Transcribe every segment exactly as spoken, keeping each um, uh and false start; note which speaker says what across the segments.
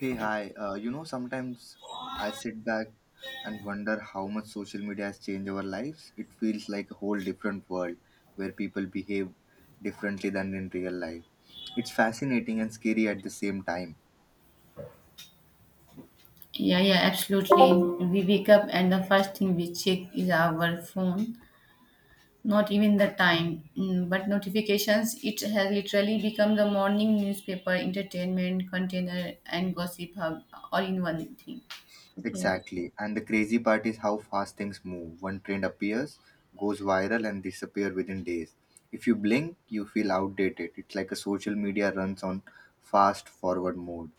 Speaker 1: Hey, hi. Uh, you know, sometimes I sit back and wonder how much social media has changed our lives. It feels like a whole different world where people behave differently than in real life. It's fascinating and scary at the same time.
Speaker 2: Yeah, yeah, absolutely. We wake up and the first thing we check is our phone. Not even the time, Mm, but notifications. It has literally become the morning newspaper, entertainment container, and gossip hub all in one thing. Okay.
Speaker 1: Exactly. And the crazy part is how fast things move. One trend appears, goes viral, and disappears within days. If you blink, you feel outdated. It's like a social media runs on fast forward mode.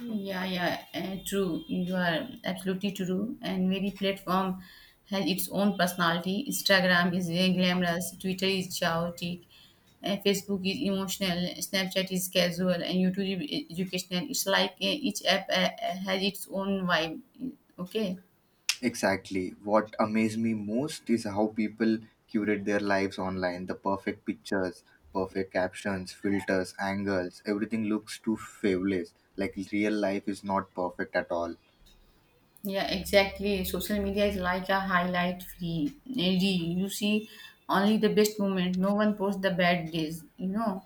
Speaker 2: Yeah, yeah, eh, true. You are absolutely true. And every platform has its own personality. Instagram is very glamorous, Twitter is chaotic, eh, Facebook is emotional, Snapchat is casual, and YouTube is educational. It's like eh, each app eh, eh, has its own vibe. Okay.
Speaker 1: Exactly. What amazed me most is how people curate their lives online. The perfect pictures, perfect captions, filters, angles, everything looks too fabulous. Like real life is not perfect at all.
Speaker 2: Yeah, exactly. Social media is like a highlight free. Reel. You see only the best moment. No one posts the bad days, you know,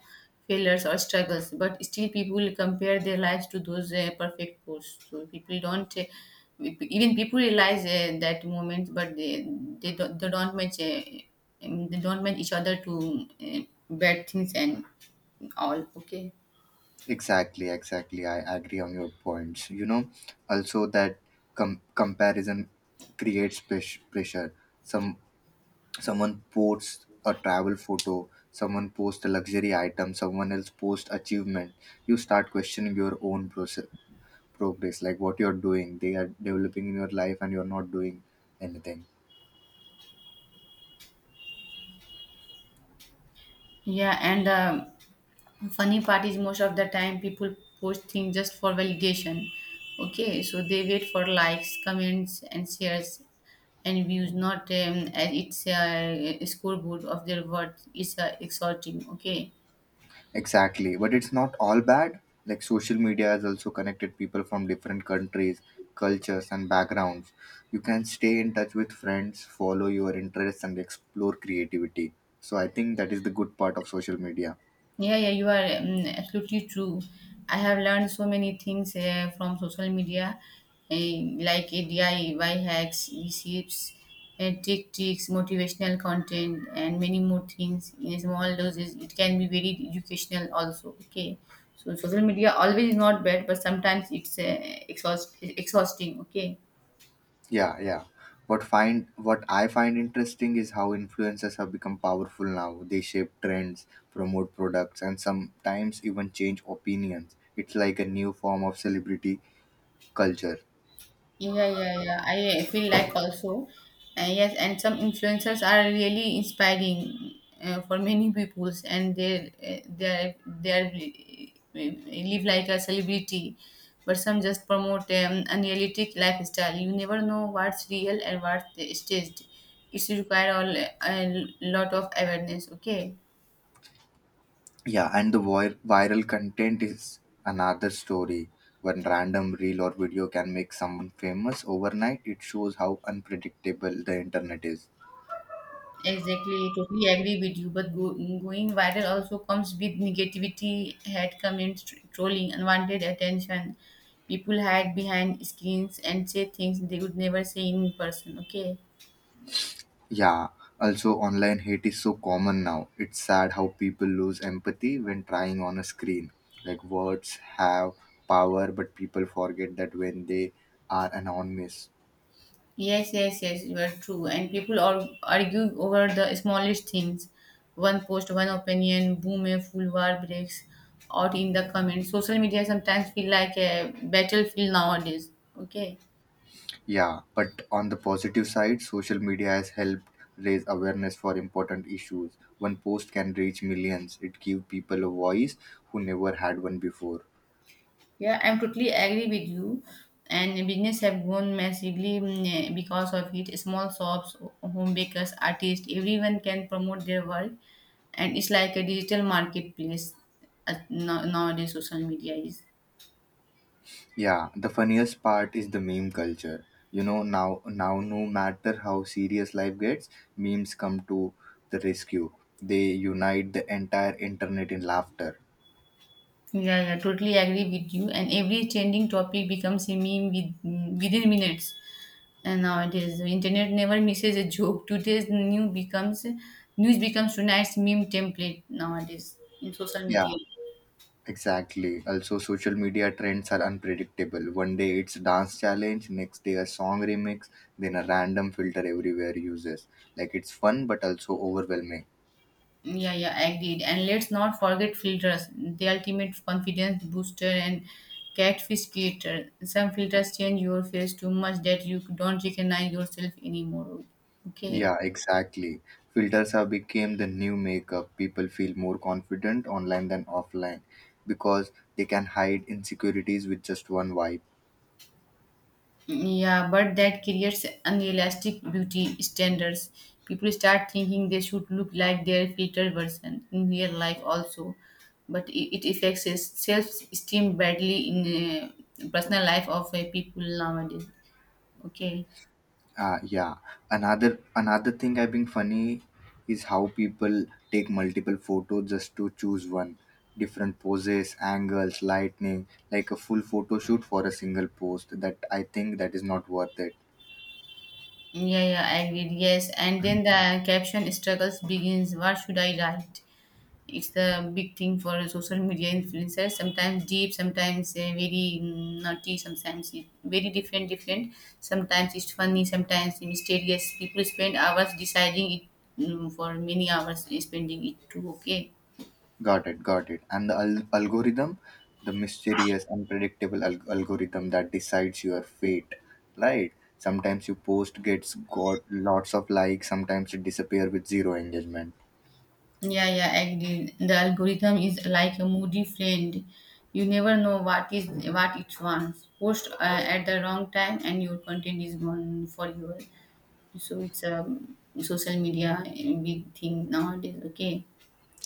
Speaker 2: failures or struggles. But still, people compare their lives to those uh, perfect posts. So people don't uh, even people realize uh, that moment, but they they don't they don't match uh, um, they don't match each other to uh, bad things and all. Okay.
Speaker 1: Exactly, exactly. I agree on your points. You know, also that com- comparison creates pres- pressure. Some Someone posts a travel photo, someone posts a luxury item, someone else posts achievement. You start questioning your own process progress, like what you're doing, they are developing in your life and you're not doing anything.
Speaker 2: Yeah, and um, funny part is most of the time people post things just for validation. Okay, so they wait for likes, comments, and shares and views, not um, as it's a, a scoreboard of their worth. It's uh, exhorting. Okay.
Speaker 1: Exactly, but it's not all bad. Like social media has also connected people from different countries, cultures and backgrounds. You can stay in touch with friends, follow your interests and explore creativity. So I think that is the good part of social media.
Speaker 2: Yeah, yeah, you are um, absolutely true. I have learned so many things uh, from social media, uh, like uh, D I Y hacks, receipts, and trick tricks, motivational content, and many more things. In small doses, it can be very educational also. Okay, so social media always is not bad, but sometimes it's uh, exhaust exhausting. Okay.
Speaker 1: Yeah, yeah. What find what I find interesting is how influencers have become powerful now. They shape trends, promote products, and sometimes even change opinions. It's like a new form of celebrity culture.
Speaker 2: Yeah, yeah, yeah. I feel like also, uh, yes, and some influencers are really inspiring uh, for many peoples, and they uh, they are, they are, uh, uh, live like a celebrity, but some just promote um, unrealistic lifestyle. You never know what's real and what's staged. It's require all a lot of awareness. Okay.
Speaker 1: Yeah, and the vir- viral content is another story. One random reel or video can make someone famous overnight. It shows how unpredictable the internet is.
Speaker 2: Exactly, totally agree with you. But go, going viral also comes with negativity, hate comments, tr- trolling, unwanted attention. People hide behind screens and say things they would never say in person. Okay.
Speaker 1: Yeah, also online hate is so common now. It's sad how people lose empathy when trying on a screen. Like words have power, but people forget that when they are anonymous.
Speaker 2: Yes, yes, yes, you are true. And people are argue over the smallest things. One post, one opinion, boom, a full war breaks out in the comments. Social media sometimes feel like a battlefield nowadays. Okay.
Speaker 1: Yeah, but on the positive side, social media has helped raise awareness for important issues. One post can reach millions. It gives people a voice who never had one before.
Speaker 2: Yeah, I'm totally agree with you. And business have grown massively mm, eh, because of it. Small shops, home bakers, artists, everyone can promote their work, and it's like a digital marketplace. At now, nowadays, social media is.
Speaker 1: Yeah, the funniest part is the meme culture. You know, now now no matter how serious life gets, memes come to the rescue. They unite the entire internet in laughter.
Speaker 2: Yeah, yeah, totally agree with you. And every trending topic becomes a meme with, mm, within minutes. And nowadays, the internet never misses a joke. Today's new becomes news becomes tonight's meme template nowadays in social
Speaker 1: Yeah,
Speaker 2: media.
Speaker 1: exactly. Also, social media trends are unpredictable. One day it's dance challenge, next day a song remix, then a random filter everywhere uses. Like it's fun but also overwhelming.
Speaker 2: Yeah, yeah, agreed. And let's not forget filters, the ultimate confidence booster and catfish creator. Some filters change your face too much that you don't recognize yourself anymore. Okay.
Speaker 1: Yeah, exactly. Filters have become the new makeup. People feel more confident online than offline because they can hide insecurities with just one wipe.
Speaker 2: Yeah, but that creates unrealistic beauty standards. People start thinking they should look like their filter version in real life also. But it, it affects self esteem badly in uh, personal life of uh, people nowadays. Okay.
Speaker 1: Uh, yeah. Another another thing I think funny is how people take multiple photos just to choose one. Different poses, angles, lightning, like a full photo shoot for a single post, that I think that is not worth it.
Speaker 2: Yeah, yeah, I agreed. Yes, and then the caption struggles begins. What should I write? It's the big thing for social media influencers. Sometimes deep, sometimes uh, very mm, naughty, sometimes it, very different, different. Sometimes it's funny, sometimes mysterious. People spend hours deciding it mm, for many hours, spending it too. Okay.
Speaker 1: Got it, got it. And the al- algorithm, the mysterious, unpredictable al- algorithm that decides your fate, right? Sometimes your post gets got lots of likes, sometimes it disappear with zero engagement,
Speaker 2: Yeah, yeah, agree. The algorithm is like a moody friend. You never know what is what it wants. Post uh, at the wrong time, and your content is gone forever. So it's a social media uh, big thing nowadays. Okay.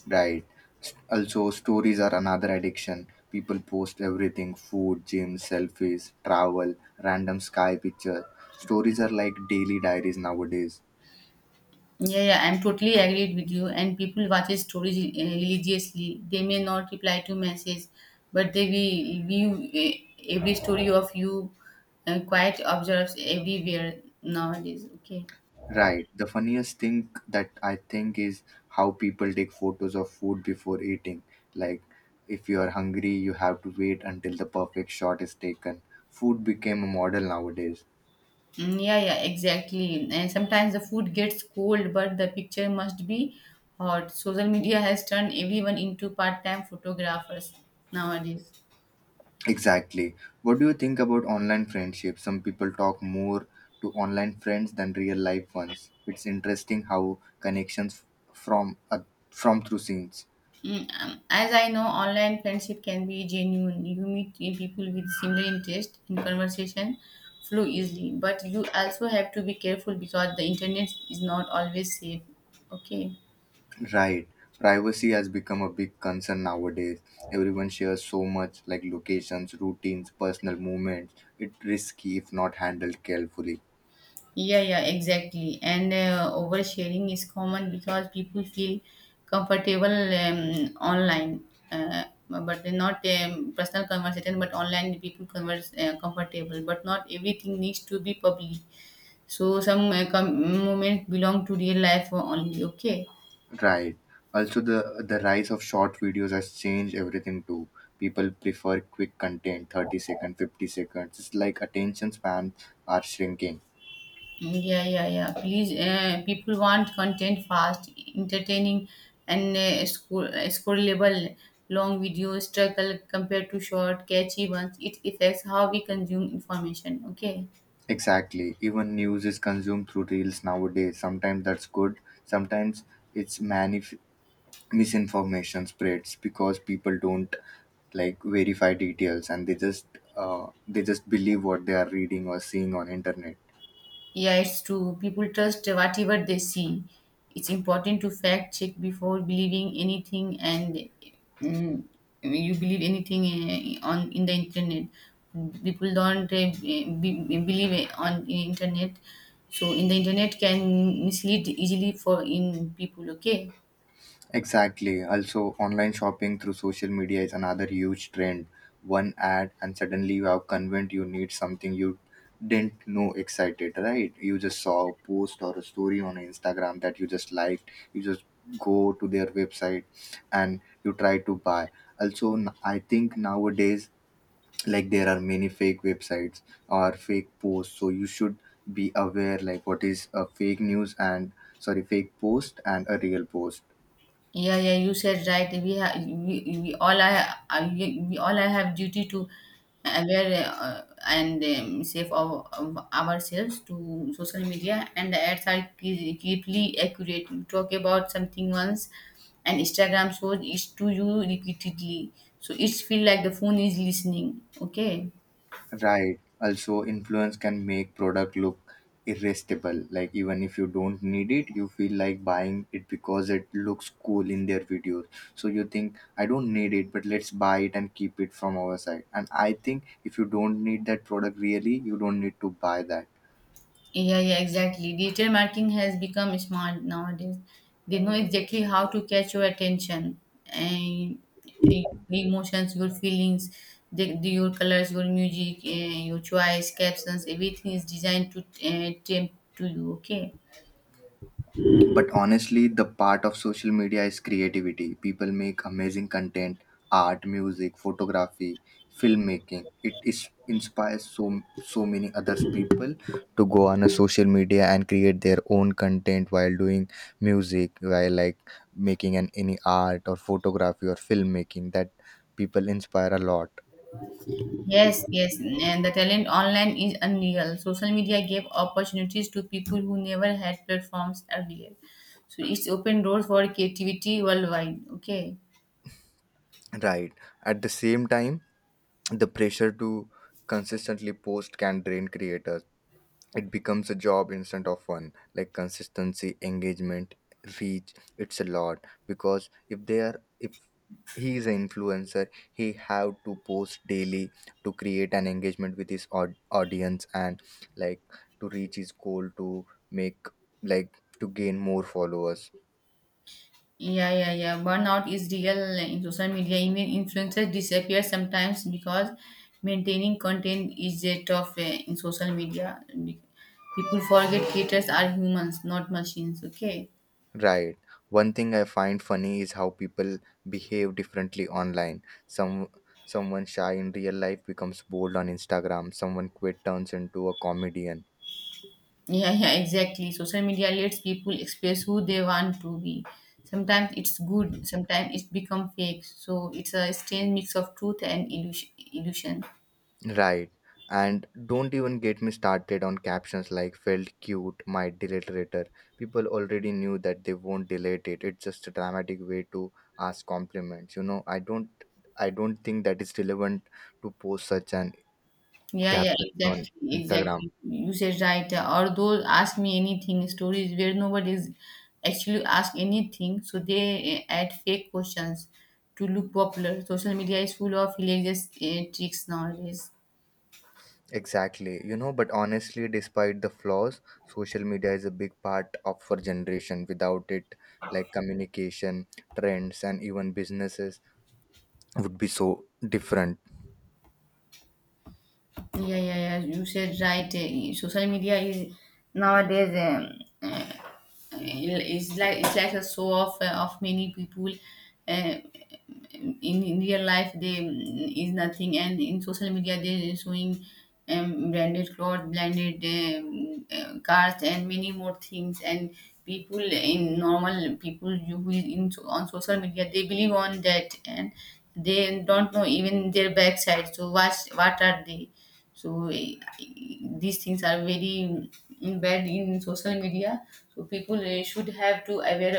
Speaker 1: right? S- Also, stories are another addiction. People post everything: food, gym, selfies, travel, random sky picture. Stories are like daily diaries nowadays.
Speaker 2: Yeah, yeah, I'm totally agreed with you. And people watch stories uh, religiously. They may not reply to message, but they will view uh, every story of you. Uh, quite observes everywhere nowadays. Okay.
Speaker 1: Right. The funniest thing that I think is how people take photos of food before eating. Like, if you are hungry, you have to wait until the perfect shot is taken. Food became a model nowadays.
Speaker 2: Mm, yeah, yeah, exactly. And sometimes the food gets cold, but the picture must be hot. Social media has turned everyone into part-time photographers nowadays.
Speaker 1: Exactly. What do you think about online friendships? Some people talk more to online friends than real life ones. It's interesting how connections from uh, from through scenes.
Speaker 2: Mm, um, as I know, online friendship can be genuine. You meet eh, people with similar interest and conversation flow easily. But you also have to be careful because the internet is not always safe. Okay.
Speaker 1: Right. Privacy has become a big concern nowadays. Everyone shares so much, like locations, routines, personal movements. It's risky if not handled carefully.
Speaker 2: Yeah, yeah, exactly. And uh, oversharing is common because people feel comfortable um, online, uh, but they're not um, personal conversation. But online, people converse uh, comfortable. But not everything needs to be public. So some uh, com- moments belong to real life only. Okay.
Speaker 1: Right. Also the the rise of short videos has changed everything too. People prefer quick content, thirty second, fifty seconds. It's like attention spans are shrinking.
Speaker 2: Yeah, yeah, yeah. Please, uh, people want content fast, entertaining, and uh, scroll- uh, scrollable. Long videos struggle compared to short, catchy ones. It affects how we consume information. Okay.
Speaker 1: Exactly. Even news is consumed through reels nowadays. Sometimes that's good. Sometimes it's manif misinformation spreads because people don't like verify details, and they just uh, they just believe what they are reading or seeing on internet.
Speaker 2: Yeah, it's true. People trust whatever they see. It's important to fact check before believing anything, and mm, you believe anything uh, on in the internet. People don't uh, be, believe on internet, so in the internet can mislead easily for in people. Okay.
Speaker 1: Exactly. Also, online shopping through social media is another huge trend. One ad and suddenly you are convinced you need something you didn't know excited, right? You just saw a post or a story on Instagram that you just liked, you just go to their website and you try to buy. Also, n- I think nowadays, like there are many fake websites or fake posts, so you should be aware, like what is a fake news and, sorry, fake post and a real post.
Speaker 2: Yeah, yeah, you said right. We have we, we all I I- we, we all I have duty to aware uh, and um, save our, our- ourselves to social media and the ads are key- keeply accurate. You talk about something once, and Instagram shows it to you repeatedly, so it's feel like the phone is listening. Okay.
Speaker 1: Right. Also influence can make product look irresistible, like even if you don't need it, you feel like buying it because it looks cool in their videos. So you think, I don't need it, but let's buy it and keep it from our side. And I think if you don't need that product really, you don't need to buy that.
Speaker 2: Yeah, yeah, exactly. Digital marketing has become smart nowadays. They know exactly how to catch your attention and and your emotions, your feelings, the, the, your colors, your music, uh, your choice, captions. Everything is designed to uh, tempt to you. Okay.
Speaker 1: But honestly, the part of social media is creativity. People make amazing content, art, music, photography, filmmaking. It is inspires so so many other people to go on a social media and create their own content while doing music, while like making an any art or photography or filmmaking, that people inspire a lot.
Speaker 2: Yes, yes, and the talent online is unreal. Social media gave opportunities to people who never had platforms earlier. So it's opened doors for creativity worldwide. Okay.
Speaker 1: Right. At the same time, the pressure to consistently post can drain creators. It becomes a job instead of fun, like consistency, engagement, reach. It's a lot, because if they are, if he is an influencer, he have to post daily to create an engagement with his aud- audience and like to reach his goal, to make, like to gain more followers.
Speaker 2: Yeah, yeah, yeah. Burnout is real in social media. Even influencers disappear sometimes because maintaining content is a tough uh, in social media. Be- People forget creators are humans, not machines. Okay.
Speaker 1: Right. One thing I find funny is how people behave differently online. Some someone shy in real life becomes bold on Instagram. Someone quit turns into a comedian.
Speaker 2: Yeah, yeah, exactly. Social media lets people express who they want to be. Sometimes it's good, sometimes it's become fake. So it's a strange mix of truth and illusion. illusion.
Speaker 1: Right. And don't even get me started on captions, like felt cute, might delete later. People already knew that they won't delete it. It's just a dramatic way to ask compliments. You know, I don't I don't think that is relevant to post such an
Speaker 2: Yeah, yeah,
Speaker 1: captions on
Speaker 2: exactly,
Speaker 1: Instagram.
Speaker 2: exactly. You said right. Or those ask me anything stories where nobody is actually ask anything, so they uh, add fake questions to look popular. Social media is full of hilarious uh, tricks nowadays.
Speaker 1: Exactly. You know, but honestly, despite the flaws, social media is a big part of our generation. Without it, like communication, trends, and even businesses would be so different.
Speaker 2: Yeah, yeah, yeah. You said right. Uh, social media is nowadays um, uh, it's like it's like a show off uh, of many people. Uh, in, in real life they mm, is nothing and in social media they showing um, branded clothes branded um, uh, cars and many more things and people in normal people you who is in so- on social media they believe on that and they don't know even their backside so what what are they so eh, these things are very mm, bad in social media. So people eh, should have to aware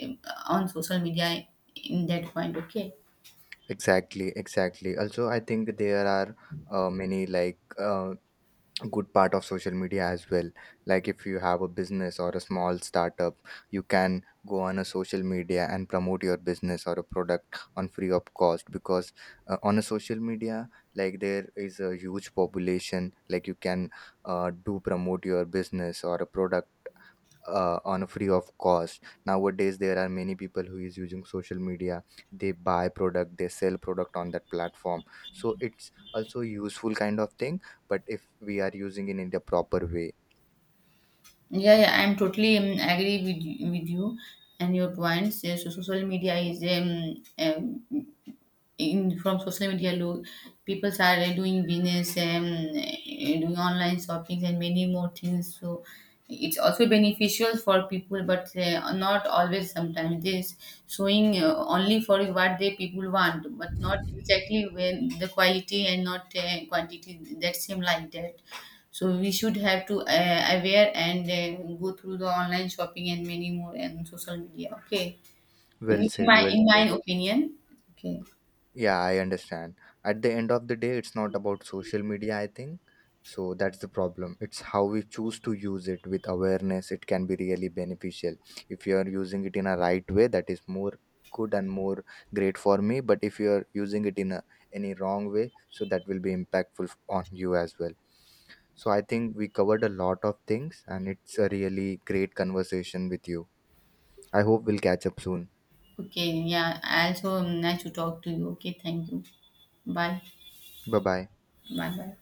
Speaker 2: uh, on social media in that point. Okay.
Speaker 1: Exactly, exactly. Also, I think there are uh, many like uh, good part of social media as well. Like if you have a business or a small startup, you can go on a social media and promote your business or a product on free of cost, because uh, on a social media, like there is a huge population, like you can uh, do promote your business or a product uh, on a free of cost. Nowadays there are many people who is using social media, they buy product, they sell product on that platform, so it's also useful kind of thing, but if we are using it in the proper way.
Speaker 2: Yeah, yeah, I'm totally um, agree with you- with you and your points. Yeah, so social media is um, um in from social media look people are uh, doing business and eh, doing online shopping and many more things so it's also beneficial for people but uh, not always sometimes this showing uh, only for what they people want but not exactly when the quality and not uh, quantity that seem like that so we should have to uh, aware and uh, go through the online shopping and many more and social media okay
Speaker 1: Well
Speaker 2: in, in
Speaker 1: said,
Speaker 2: my
Speaker 1: well
Speaker 2: in my
Speaker 1: said.
Speaker 2: opinion okay.
Speaker 1: Yeah, I understand. At the end of the day, it's not about social media, I think. So that's the problem. It's how we choose to use it. With awareness, it can be really beneficial. If you are using it in a right way, that is more good and more great for me. But if you are using it in a any wrong way, so that will be impactful on you as well. So I think we covered a lot of things and it's a really great conversation with you. I hope we'll catch up soon.
Speaker 2: Okay, yeah. I Also nice to talk to you. Okay, thank you. Bye.
Speaker 1: Bye bye.
Speaker 2: Bye bye.